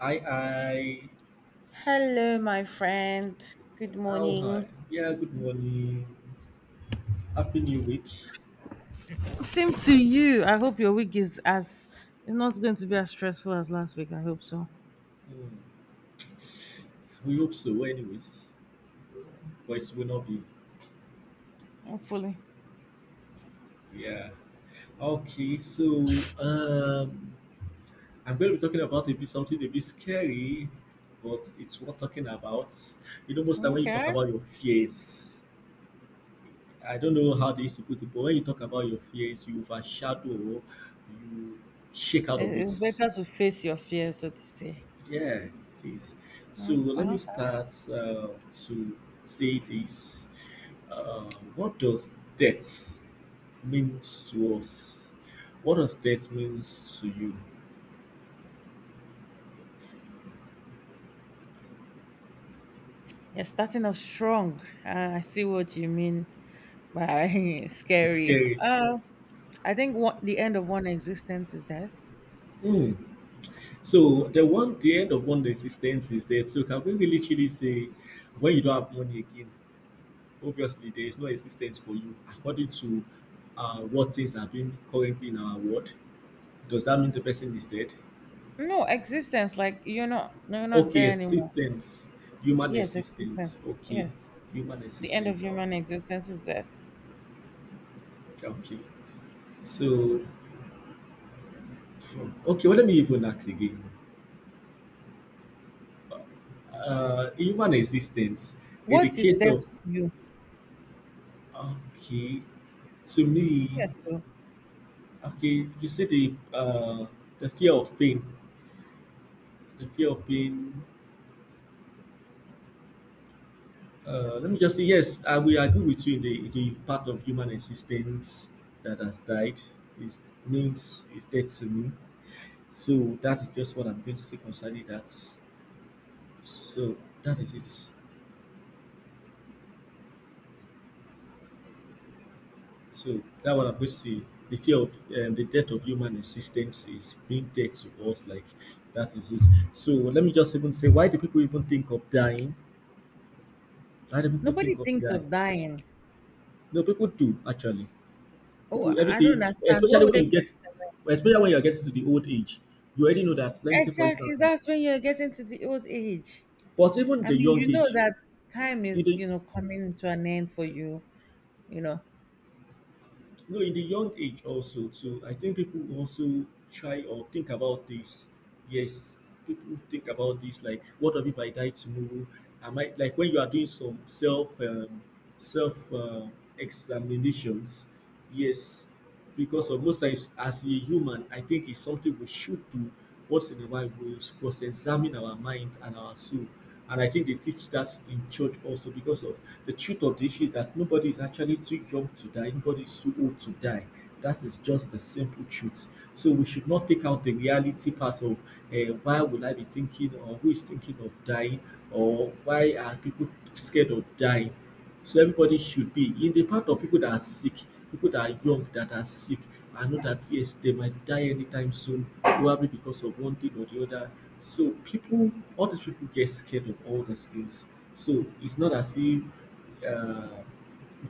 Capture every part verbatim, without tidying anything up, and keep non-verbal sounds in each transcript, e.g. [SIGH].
Hi, hi. Hello, my friend. Good How hi. morning. Yeah, good morning. Happy New Week. Same to you. I hope your week is as is not going to be as stressful as last week. I hope so. Hmm, we hope so anyways. But it will not be. Hopefully. Yeah. Okay, so um I'm gonna be talking about a bit something a bit scary, but it's worth talking about. You know, most time when you talk Okay. about your fears. I don't know how they used to put it, but when you talk about your fears, you overshadow, you shake out of It- It's it. better to face your fears, so to say. Yeah, sis. So Mm, let me okay. start uh, to say this. Uh, what does death means to us? What does death means to you? You're starting off strong. Uh, I see what you mean by [LAUGHS] It's scary. scary. Uh, I think what the end of one existence is death. Hmm. So the one, the end of one existence is death. So can we really literally say, when you don't have money again, obviously there is no existence for you according to uh, what things are being currently in our world? Does that mean the person is dead? No existence, like you're not, no, you're not Okay, there anymore. assistance. Human Yes, existence. assistance. Okay. Yes. Human The end of assistance. Oh, human existence is death. okay. So, from, okay, well, let me even ask again. Uh, human assistance, in the What is case death of, to you? okay, to me, Yes, so okay, you see the, uh, the fear of pain, the fear of pain. Uh, let me just say, yes, I will agree with you in the, in the part of human existence that has died. Is means is dead to me. So that is just what I'm going to say concerning that. So that is it. So that what I'm going to say. The fear of um, the death of human existence is being dead to us. Like that is it. So let me just even say, why do people even think of dying? Why do people nobody think of thinks dying? of dying. No, people do actually. Oh, People every I don't day, understand. What especially would they when you be? get, especially when you are getting to the old age, you already know that. Let me say, for instance, Exactly. now, That's when you're getting to the old age. but even I the mean, young you know age, that time in is, the you know, coming to an end for you, you know. no, in the young age also too, I think people also try or think about this. Yes, people think about this like, what if I die tomorrow? I might like when you are doing some self um, self uh, examinations. Yes, because of most times as a human, I think it's something we should do once in a while. We cross examine our mind and our soul, and I think they teach that in church also. Because of the truth of the issue is that nobody is actually too young to die, nobody is too old to die. That is just the simple truth. So we should not take out the reality part of uh, why would I be thinking or who is thinking of dying or why are people scared of dying. So everybody should be in the part of people that are sick, people that are young, that are sick. I know that yes, they might die anytime soon, probably because of one thing or the other. So people, all these people get scared of all these things. So it's not as if uh,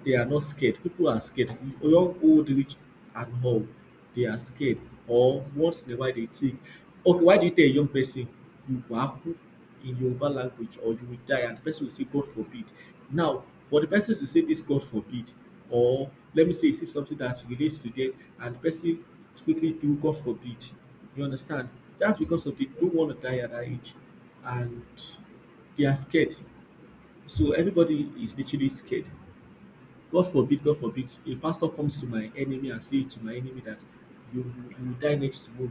they are not scared. People are scared. Young, old, rich, and all. They are scared. Or once in a while they think, okay, why do you tell a young person you waku in Yoruba language or you will die? And the person will say, God forbid. Now, for the person to say this, God forbid, or let me say, say something that relates to death, and the person quickly do, God forbid. You understand? That's because of they don't want to die at that age. And they are scared. So everybody is literally scared. God forbid, God forbid, a pastor comes to my enemy and say to my enemy that you you will die next tomorrow.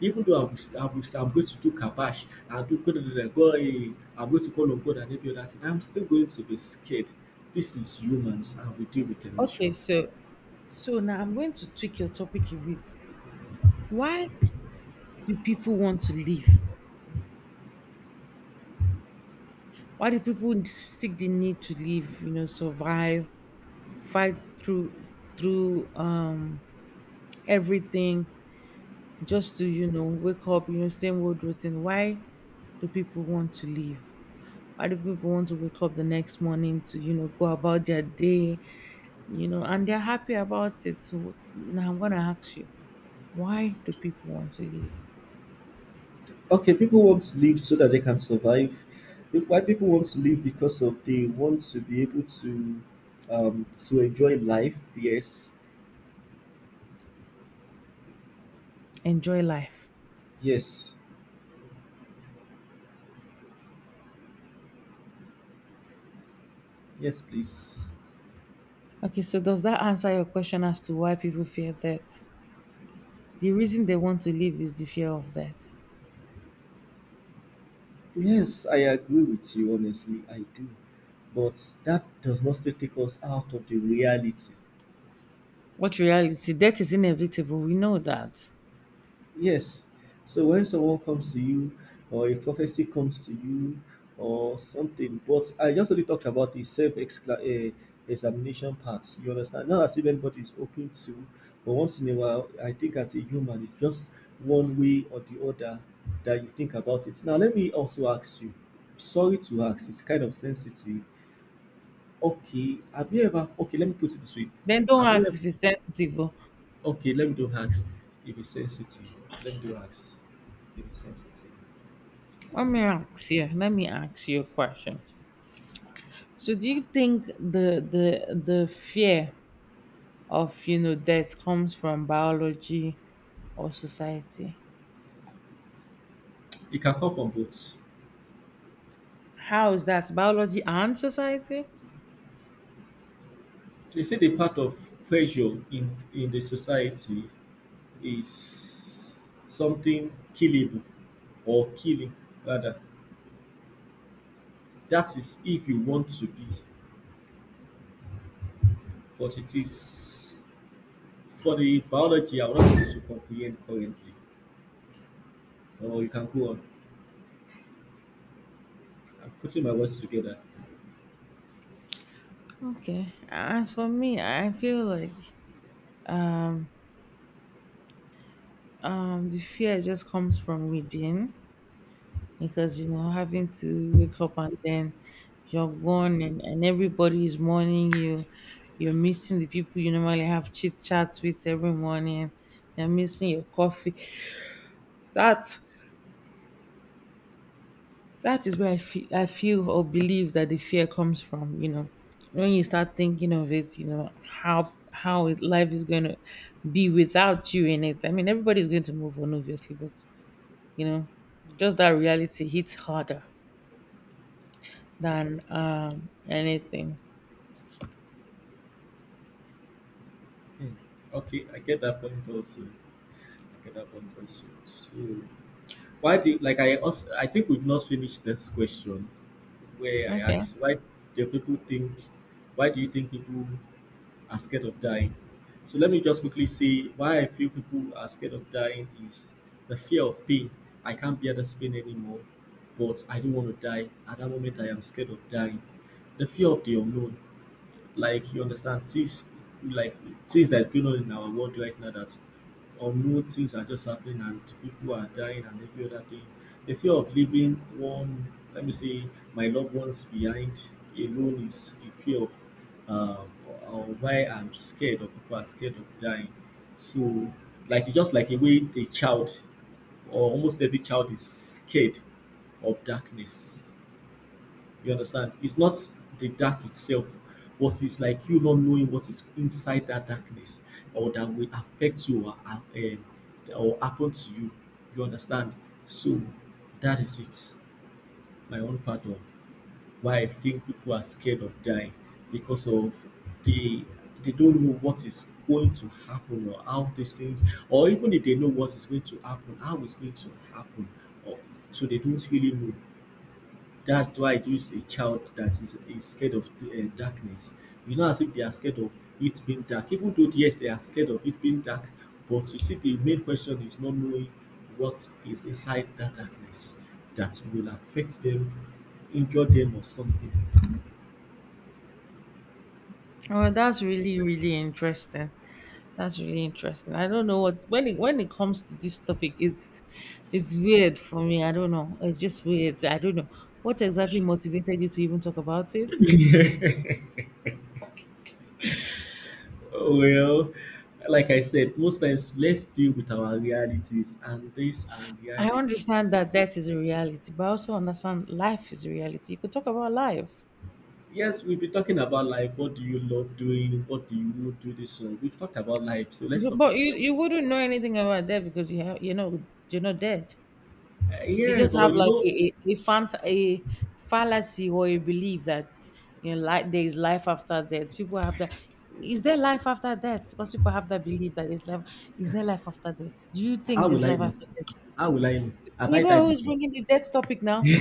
Even though I'm, I'm, I'm going to do kabash and do God, eh, I'm going to call on God and every other thing, I'm still going to be scared. This is humans and we deal with Okay, emotions. so so now I'm going to tweak your topic a bit. Why do people want to live? Why do people seek the need to live, you know, survive, fight through through um everything, just to, you know, wake up, you know, same old routine. Why do people want to leave? Why do people want to wake up the next morning to, you know, go about their day, you know, and they're happy about it? So now I'm gonna ask you, why do people want to leave? Okay, people want to live so that they can survive. Why people want to live because of they want to be able to um to enjoy life. Yes, Enjoy life. yes, yes, please. Okay, so does that answer your question as to why people fear death? The reason they want to leave is the fear of death. Yes, I agree with you, honestly, I do. But that does not still take us out of the reality. What reality? Death is inevitable, we know that. Yes. So when someone comes to you, or a prophecy comes to you, or something, but I just only talked about the self uh, examination part. You understand? Not as if anybody is open to, but once in a while, I think as a human, it's just one way or the other that you think about it. Now, let me also ask you, sorry to ask, it's kind of sensitive. Okay, have you ever okay, let me put it this way. Then don't Have you ask ever if it's sensitive, oh. okay, let me don't ask if it's sensitive. Let me do ask if it's sensitive. So Let me ask you, let me ask you a question. So do you think the the the fear of, you know, death comes from biology or society? it can come from both. So How is that biology and society? you say the part of pressure in in the society is something killable or killing rather. That is if you want to be, but it is for the biology I'm not able to comprehend currently. Or you can go on. I'm putting my words together. Okay. As for me, I feel like um the fear just comes from within, because you know, having to wake up and then you're gone, and, and everybody is mourning you. You're missing the people you normally have chit chats with every morning. You're missing your coffee. That That is where I feel, I feel or believe that the fear comes from. You know, when you start thinking of it, you know how how it- life is going to be without you in it. I mean, everybody's going to move on, obviously, but you know, just that reality hits harder than um, anything. Mm. Okay, I get that point also. I get that point also. So, why do you, like I also I think we've not finished this question where I Okay, asked why do people think, why do you think people are scared of dying? So let me just quickly say why I feel people are scared of dying is the fear of pain. I can't bear this pain anymore, but I don't want to die. At that moment, I am scared of dying. The fear of the unknown. Like you understand things like things that's going on in our world right now, that unknown things are just happening and people are dying and every other thing. The fear of leaving one, let me say, my loved ones behind alone is a fear of um, or why I'm scared of, people are scared of dying. So, like just like a way a child or almost every child is scared of darkness. You understand? It's not the dark itself, but it's like you not knowing what is inside that darkness or that will affect you or, ha- um, or happen to you. You understand? So that is it. My own part of why I think people are scared of dying because of the they don't know what is going to happen or how these things or even if they know what is going to happen, how it's going to happen or so they don't really know. That's why it is a child that is, is scared of the, uh, darkness. You know, as if they are scared of it being dark, even though yes, they are scared of it being dark, but you see, the main question is not knowing what is inside that darkness that will affect them, injure them, or something. well, that's really really interesting. That's really interesting. I don't know what when it when it comes to this topic, it's it's weird for me. I don't know. It's just weird. I don't know what exactly motivated you to even talk about it. Well, like I said, most times let's deal with our realities, and these are I understand realities. that death is a reality, but I also understand life is a reality. You could talk about life, Yes, we've been talking about life. What do you love doing? What do you not do this? So we've talked about life. So let's but, talk of but you, the you opposite. wouldn't know anything about death, because you have, you know, you're not dead. Uh, They yeah, just but have you like know, a a, a, fant- a fallacy or a belief that, you know, like there is life after death. People have that. Is there life after death? Because people have that belief that there's life. Is there life after death? Do you think how there's will I life know? after death? How will I know? Have You I know died who's before? bringing the death topic now?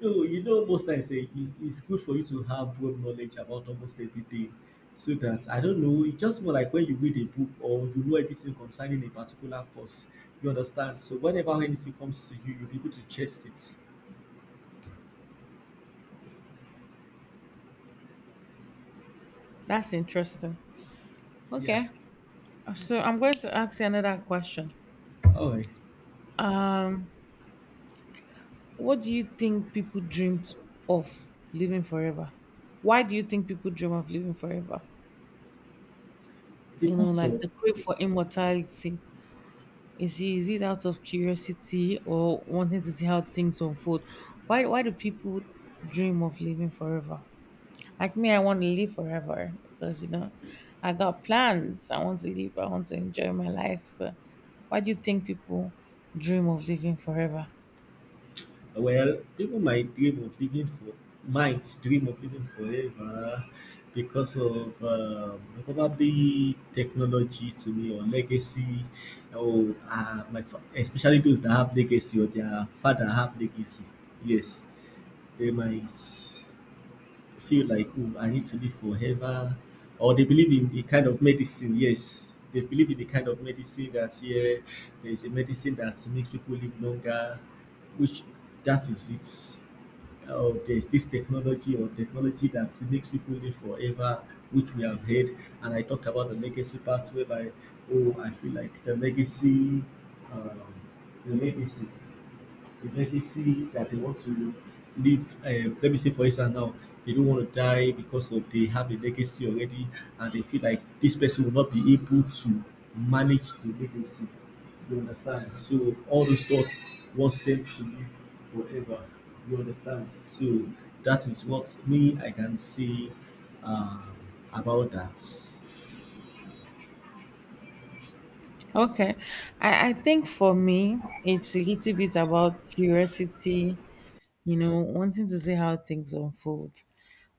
No, you know, most times eh, it- it's good for you to have broad knowledge about almost everything. So that I don't know, it's just more like when you read a book or you know everything concerning a particular course, you understand. So whenever anything comes to you, you'll be able to chase it. That's interesting. Yeah. Okay, so I'm going to ask you another question. All right. Um, what do you think people dreamed of living forever? Why do you think people dream of living forever? The You know, course like of, the crave for immortality, is it, is it out of curiosity or wanting to see how things unfold? Why why do people dream of living forever? Like me, I want to live forever because, you know, I got plans. I want to live. I want to enjoy my life. Uh, Why do you think people dream of living forever? well, people might dream of living for might dream of living forever because of um, probably technology to me or legacy or uh, my fa- especially those that have legacy or their father have legacy. Yes, they might feel like, oh, I need to live forever, or they believe in a kind of medicine. Yes, they believe in the kind of medicine that yeah, there is a medicine that makes people live longer, which that is it. Or there is this technology or technology that makes people live forever, which we have heard. And I talked about the legacy part whereby, oh, I feel like the legacy, um, the legacy a legacy that they want to leave. Uh, let me say, for instance, now they don't want to die because of they have a legacy already, and they feel like this person will not be able to manage the legacy. You understand? So all those thoughts wants them to live forever. You understand? So that is what me I can say uh, about that. Okay, I, I think for me it's a little bit about curiosity. You know, wanting to see how things unfold.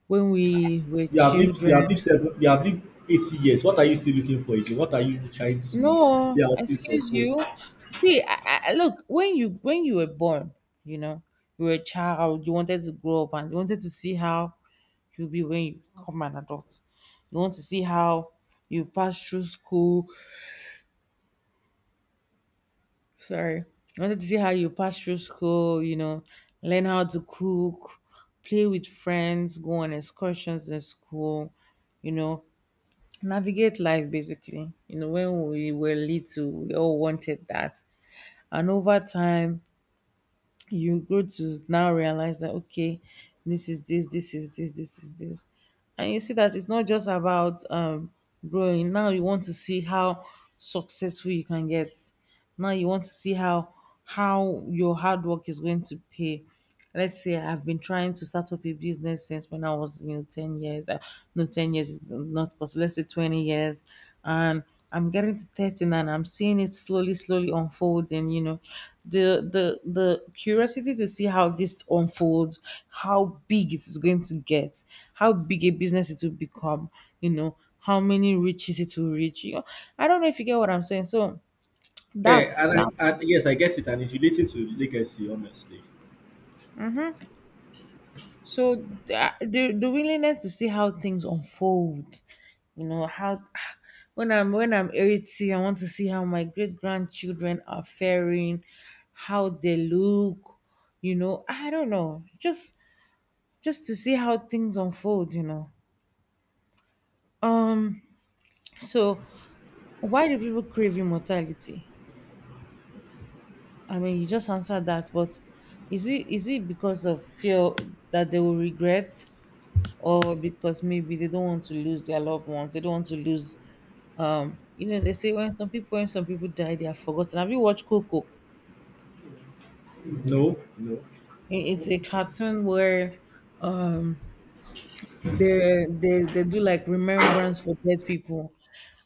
When we were You have lived, you children, have lived seven, you have lived eighty years. What are you still looking for again? What are you trying to see no, how things excuse unfold? you. See, I, I, look, when you when you were born, you know, you were a child. You wanted to grow up and you wanted to see how you'll be when you become an adult. You want to see how you pass through school. Sorry. You wanted to see how you pass through school, you know, learn how to cook, play with friends, go on excursions in school, you know, navigate life basically. You know, when we were little, we all wanted that. And over time, you grow to now realize that okay, this is this this is this this is this, and you see that it's not just about um growing. Now you want to see how successful you can get. Now you want to see how how your hard work is going to pay. Let's say I've been trying to start up a business since when I was, you know, ten years. Uh, no, ten years is not possible. Let's say twenty years. And I'm getting to thirteen and I'm seeing it slowly, slowly unfolding, you know. The the the curiosity to see how this unfolds, how big it is going to get, how big a business it will become, you know, how many riches it will reach. You know, I don't know if you get what I'm saying. So Yeah, that's that. and I and yes, I get it, and it's relating to legacy, honestly. So the, the the willingness to see how things unfold, you know how, [SIGHS] when I'm when I'm eighty, I want to see how my great grandchildren are faring, how they look, you know. I don't know, just just to see how things unfold, you know. So why do people crave immortality? I mean, you just answered that, but is it is it because of fear that they will regret, or because maybe they don't want to lose their loved ones? They don't want to lose, um you know, they say when some people when some people die, they are forgotten. Have you watched Coco? No, no. I- it's a cartoon where, um they they, they do like remembrance for dead people,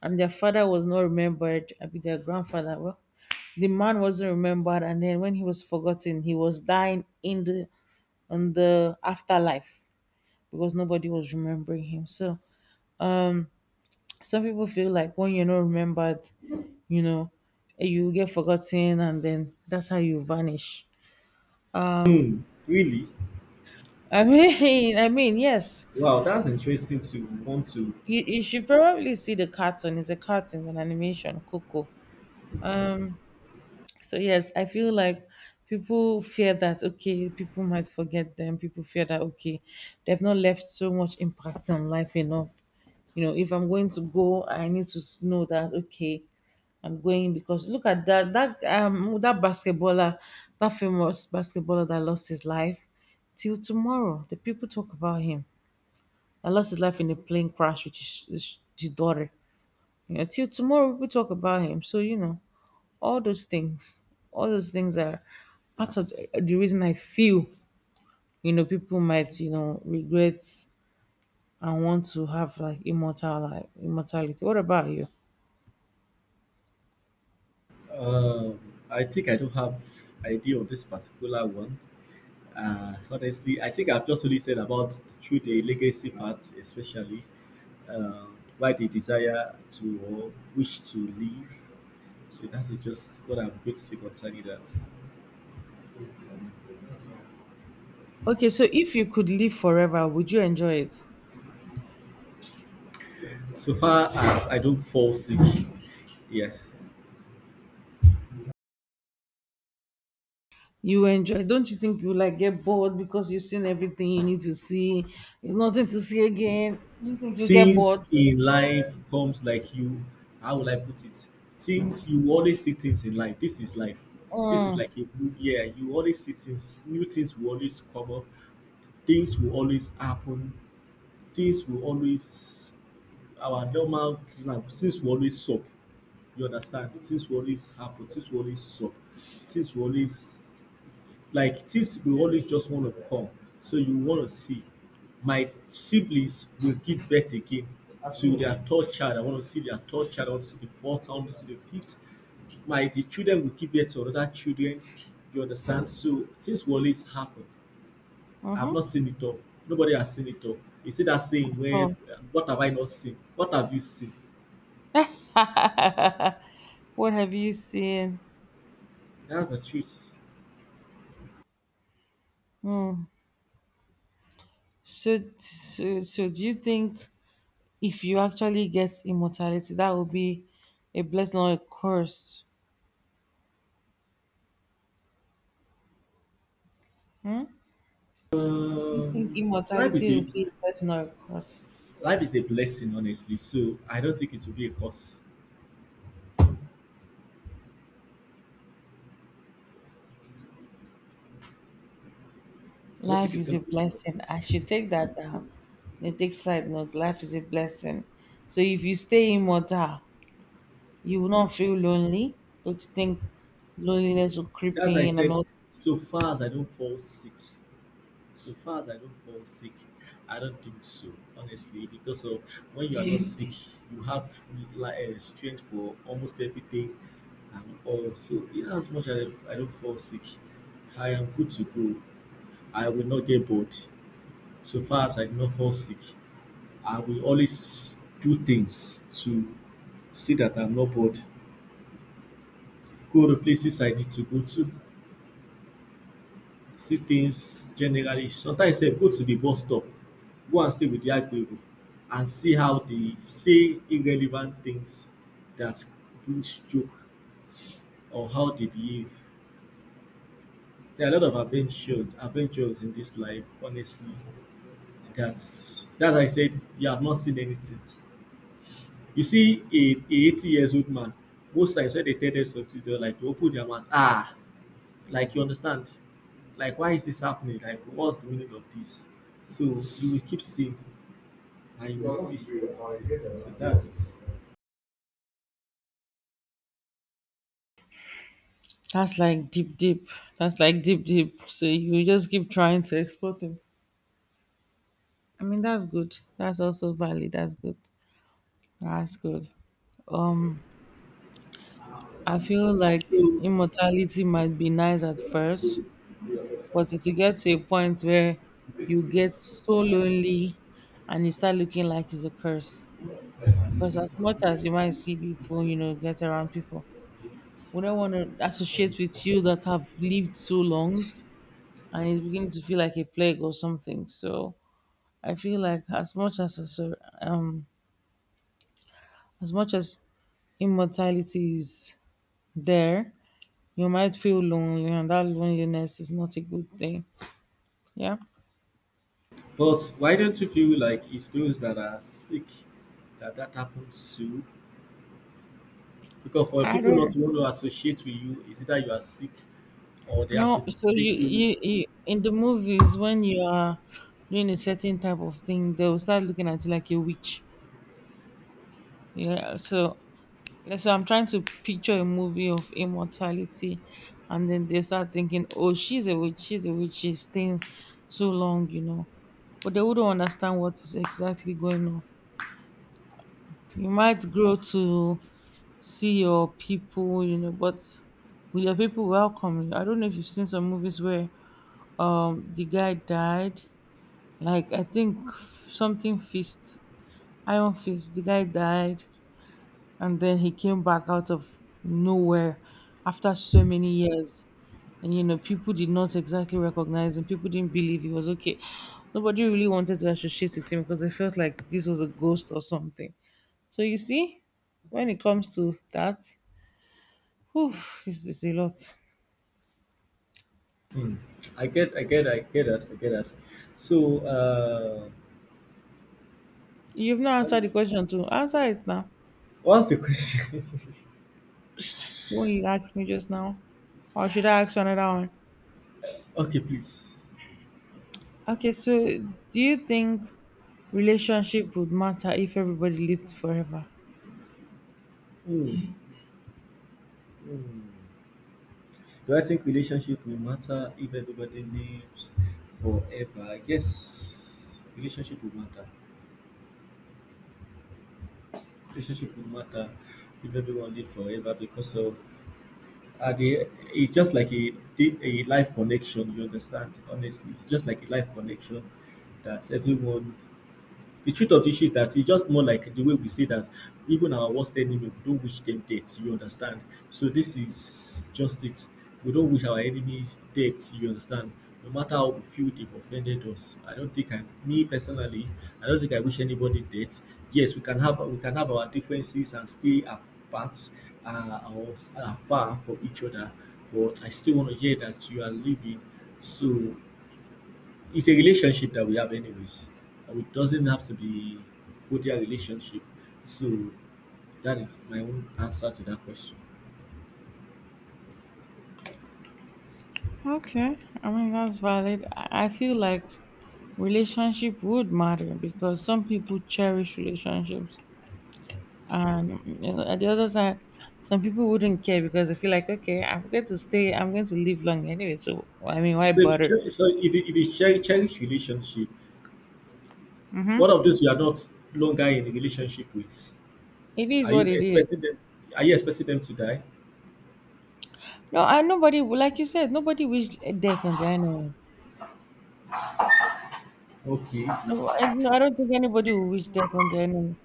and their father was not remembered. I mean, their grandfather. Well, the man wasn't remembered, and then when he was forgotten, he was dying in the on the afterlife, because nobody was remembering him. So some people feel like when you're not remembered, you know, you get forgotten, and then that's how you vanish. Hmm, really? I mean, [LAUGHS] I mean, yes, Wow, that's interesting to want to. you, you should probably see the cartoon. It's a cartoon, it's an animation, Coco. Um, So yes, I feel like people fear that okay, people might forget them. People fear that okay, they've not left so much impact on life enough. You know, if I'm going to go, I need to s- know that okay, I'm going, because look at that that um that basketballer, that famous basketballer that lost his life. Till tomorrow, the people talk about him. I lost his life in a plane crash with his, his, his daughter. You know, till tomorrow people talk about him. So you know, all those things all those things are part of the, the reason I feel, you know, people might, you know, regret and want to have like immortal life, immortality. What about you? Um, I think I don't have idea on this particular one. Uh, honestly, I think I've just only said about through the legacy part, especially uh, why they desire to or wish to leave. So that is just what I'm going to say concerning that. Okay, so if you could live forever, would you enjoy it? So far as I don't fall sick, yeah. You enjoy, don't you think you like get bored, because you've seen everything you need to see, there's nothing to see again? Do you think you get Things bored? in life comes like you, how will I put it, things you always see, things in life, this is life. This is Mm. like a new year, you always see things, new things will always come up, things will always happen, things will always, our normal things will always sup, you understand, things will always happen, things will always sup, things will always, like things will always just want to come. So you want to see. My siblings will give birth again to their third child. I want to see their third child. I want to see the fourth. I want to see the fifth. My the children will give birth to other children. You understand? So things will always happen. I've Mm-hmm. not seen it all. Nobody has seen it all. You see that saying where, So what have I not seen? What have you seen? what have you seen? That's the truth. Mm. so, so so do you think if you actually get immortality, that will be a blessing or a curse? You think Um, life is immortality will a be a blessing or a curse? life is a blessing, honestly. So I don't think it will be a curse. I don't think Life it's is gonna a be a curse. blessing. I should take that down. They take side notes. Life is a blessing. So if you stay immortal, you will not feel lonely. Don't you think loneliness will creep As I in and said, all? so far as I don't fall sick, so far as I don't fall sick, I don't think so, honestly, because of when you are not, yeah, sick, you have like uh, strength for almost everything and all. So in as much as I don't fall sick, I am good to go. I will not get bored. So far as I do not fall sick, I will always do things to see that I'm not bored. Go to places I need to go to. See things generally, sometimes sef go to the bus stop, go and stay with the agbero and see how they say irrelevant things that bring joke or how they behave. There are a lot of adventures adventures in this life, honestly. That's that's why I said you have not seen anything. You see a a eighty years old man. Most times when dey tell dem something, dem like to open their mouth, um like, you understand, like why is this happening, like what's the meaning of this, so you will keep seeing and you will, well, see that's it. That's like deep, deep. That's like deep, deep. So you just keep trying to explore things. I mean, that's good. That's also valid. That's good. That's good. Um, I feel like So immortality might be nice at first, but it will get to a point where you get so lonely and you start looking like it's a curse. Because as much as you might see people, you know, get around people, we don't want to associate with you that have lived so long, and it's beginning to feel like a plague or something. So I feel like as much as as- um as much as immortality is there, you might feel lonely, and that loneliness is not a good thing. Yeah. but why don't you feel like it's those that are sick that that happens to? Because for I people not don't to want to associate with you is either you are sick or they have know. to So you, take you. you you in the movies when you are doing a certain type of thing, they will start looking at you like a witch. Yeah. So let's so I'm trying to picture a movie of immortality, and then they start thinking, oh, she's a witch, she's a witch, she's staying so long, you know. But they wouldn't understand what is exactly going on. You might grow to see your people, you know, but will your people welcome you? I don't know if you've seen some movies where um the guy died, like I think f- something fist, iron fist. The guy died and then he came back out of nowhere after so many years. And you know, people did not exactly recognize him, people didn't believe he was okay. Nobody really wanted to associate with him because they felt like this was a ghost or something. So you see, when it comes to that, whew, it's, it's a lot. Hmm. I get, I get, I get that, I get that. So, uh, You've not let answered me, the question too. Answer it now. what's the question? What you asked me just now. Or should I ask you another one? [LAUGHS] Okay, please. Okay, so do you think relationship would matter if everybody lived forever? Hmm. Hmm. Do I think relationship will matter if everybody lives forever? Yes, relationship will matter. Relationship will matter if everyone lives forever because of, at the, it's just like a a life connection. You understand? Honestly, it's just like a life connection that everyone, the truth of the issue is that it's just more like the way we say that even our worst enemy, we don't wish them death. You understand? So this is just it. We don't wish our enemies death. You understand? No matter how we feel they've offended us, I don't think I, me personally, I don't think I wish anybody death. Yes, we can have we can have our differences and stay apart, uh, or s- uh, far from each other, but I still want to hear that you are living. So it's a relationship that we have anyways. And it doesn't have to be cordial relationship. So that is my own answer to that question. Okay, I mean that's valid. I I feel like relationship would matter because some people cherish relationships, and you know, at the other side, some people wouldn't care because they feel like okay, I'm going to stay, I'm going to live long anyway. So I mean, why So if you bother? cherish, so if you, if you cherish, cherish relationship, one of those you are not longer in a relationship with? It is Are what you it is. expecting them? Are you expecting them to die? No, I nobody, like you said, nobody wished death on their enemies. Okay, No, I, no, I don't think anybody will wish death on their enemy.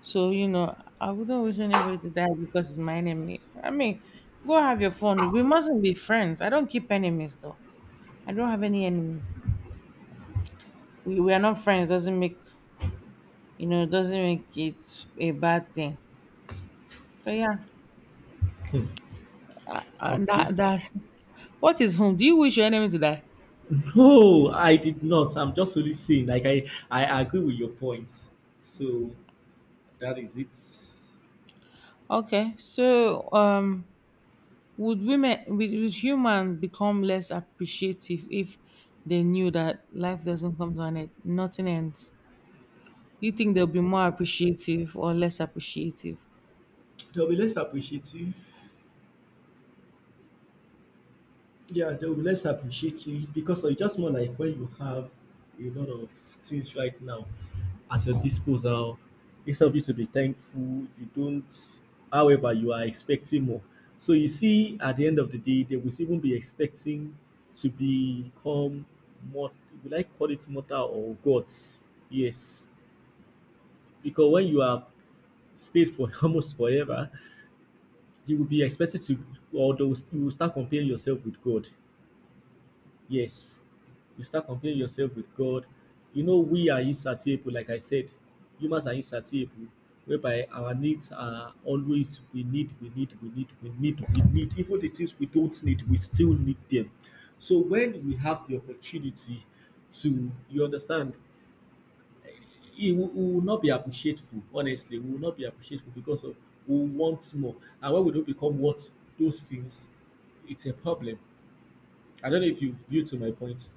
So you know, I wouldn't wish anybody to die because it's my enemy. I mean, go have your fun. We mustn't be friends. I don't keep enemies though. I don't have any enemies. We, we are not friends. Doesn't make you know doesn't make it a bad thing. So yeah, uh, okay. that that's what is home. Do you wish your enemy to die? No, I did not. I'm just only saying. Like I, I agree with your points. So that is it. Okay, so um, would women, would, would humans become less appreciative if they knew that life doesn't come to an end, nothing ends? You think they'll be more appreciative or less appreciative? They'll be less appreciative. Yeah, they will be less appreciative because it's just more like when you have a lot of things right now at your disposal, instead of you to be thankful, you don't, however, you are expecting more. So you see, at the end of the day, they will even be expecting to become more, would I call it mortal or gods? Yes. Because when you have stayed for [LAUGHS] almost forever, you will be expected to, or they will, you will start comparing yourself with God. Yes, you start comparing yourself with God. You know, we are insatiable, like I said. Humans are insatiable, whereby our needs are always, we need, we need, we need, we need, we need. Even the things we don't need, we still need them. So when we have the opportunity to, you understand, it will, we will not be appreciateful, honestly. We will not be appreciateful because of we want more. And when we don't become what those things, it's a problem. I don't know if you view to my point.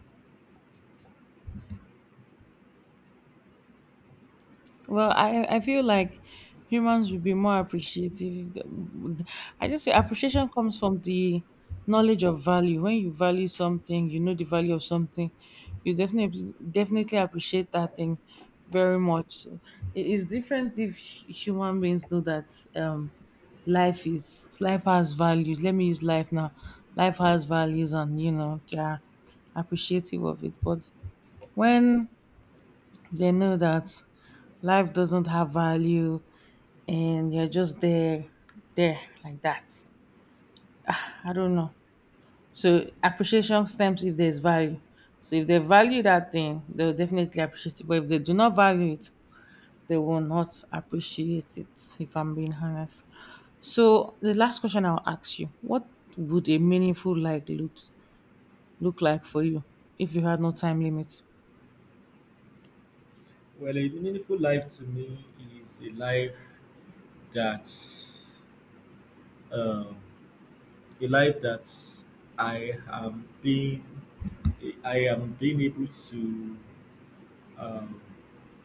Well, I I feel like humans would be more appreciative. If the- I just say appreciation comes from the knowledge of value. When you value something, you know the value of something, you definitely definitely appreciate that thing very much. So it is different if hu- human beings know that um, life is life has values. Let me use life now. Life has values, and you know they are appreciative of it. But when they know that life doesn't have value and you're just there, there, like that. I don't know. So appreciation stems if there's value. So if they value that thing, they'll definitely appreciate it. But if they do not value it, they will not appreciate it, if I'm being honest. So the last question I'll ask you, what would a meaningful life look look like for you if you had no time limit? Well, a meaningful life to me is a life that, um, a life that I am being I am being able to, um,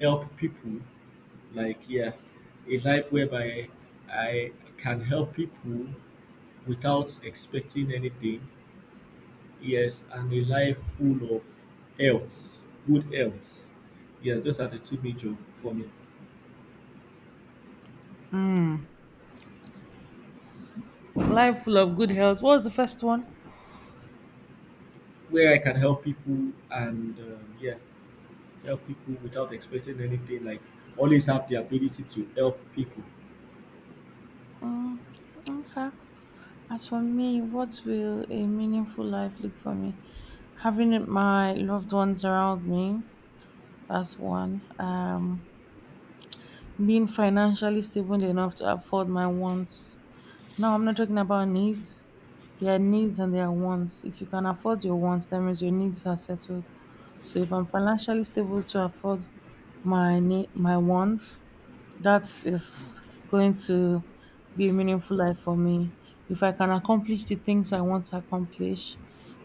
help people. Like yeah, a life whereby I can help people without expecting anything. Yes, and a life full of health, good health. Yeah, those are the two major for me. Life full of good health. What was the first one? Where I can help people and um, yeah, help people without expecting anything. Like always have the ability to help people. Okay. As for me, what will a meaningful life look for me? Having my loved ones around me, that's one. Um, being financially stable enough to afford my wants. Now, I'm not talking about needs. There are needs and there are wants. If you can afford your wants, that means your needs are settled. So, if I'm financially stable to afford my ne- my wants, that is going to be a meaningful life for me. If I can accomplish the things I want to accomplish,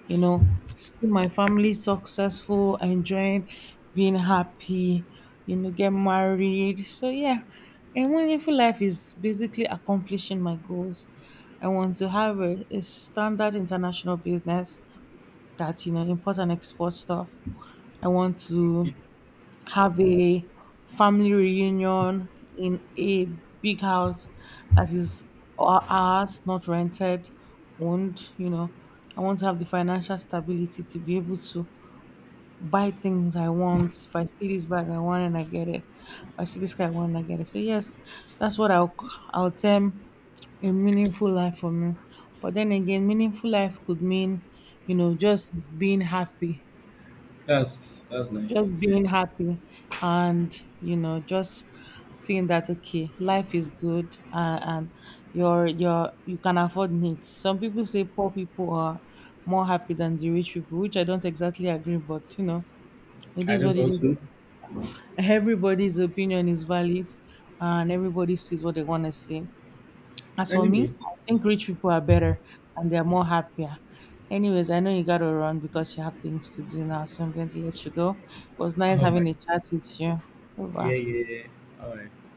you know, see my family successful, enjoying, being happy, you know, get married. So, yeah, a meaningful life is basically accomplishing my goals. I want to have a, a standard international business that, you know, import and export stuff. I want to It, have a family reunion in a big house that is our- ours, not rented, owned, you know. I want to have the financial stability to be able to buy things I want. If I see this bag I want and I get it. If I see this guy I want and I get it. So yes, that's what I'll I'll term a meaningful life for me. But then again, meaningful life could mean, you know, just being happy, that's that's nice. just being happy and you know just seeing that okay life is good, uh, and you're you're you can afford needs. Some people say poor people are more happy than the rich people, which I don't exactly agree, but you know, it I is don't what it is. also. Everybody's opinion is valid and everybody sees what they want to see. As for me, Anyways, I think rich people are better and they're more happier. Anyways, I know you gotta run because you have things to do now, so I'm going to let you go. It was nice oh having my, a chat with you. Over. yeah, yeah, yeah. All right.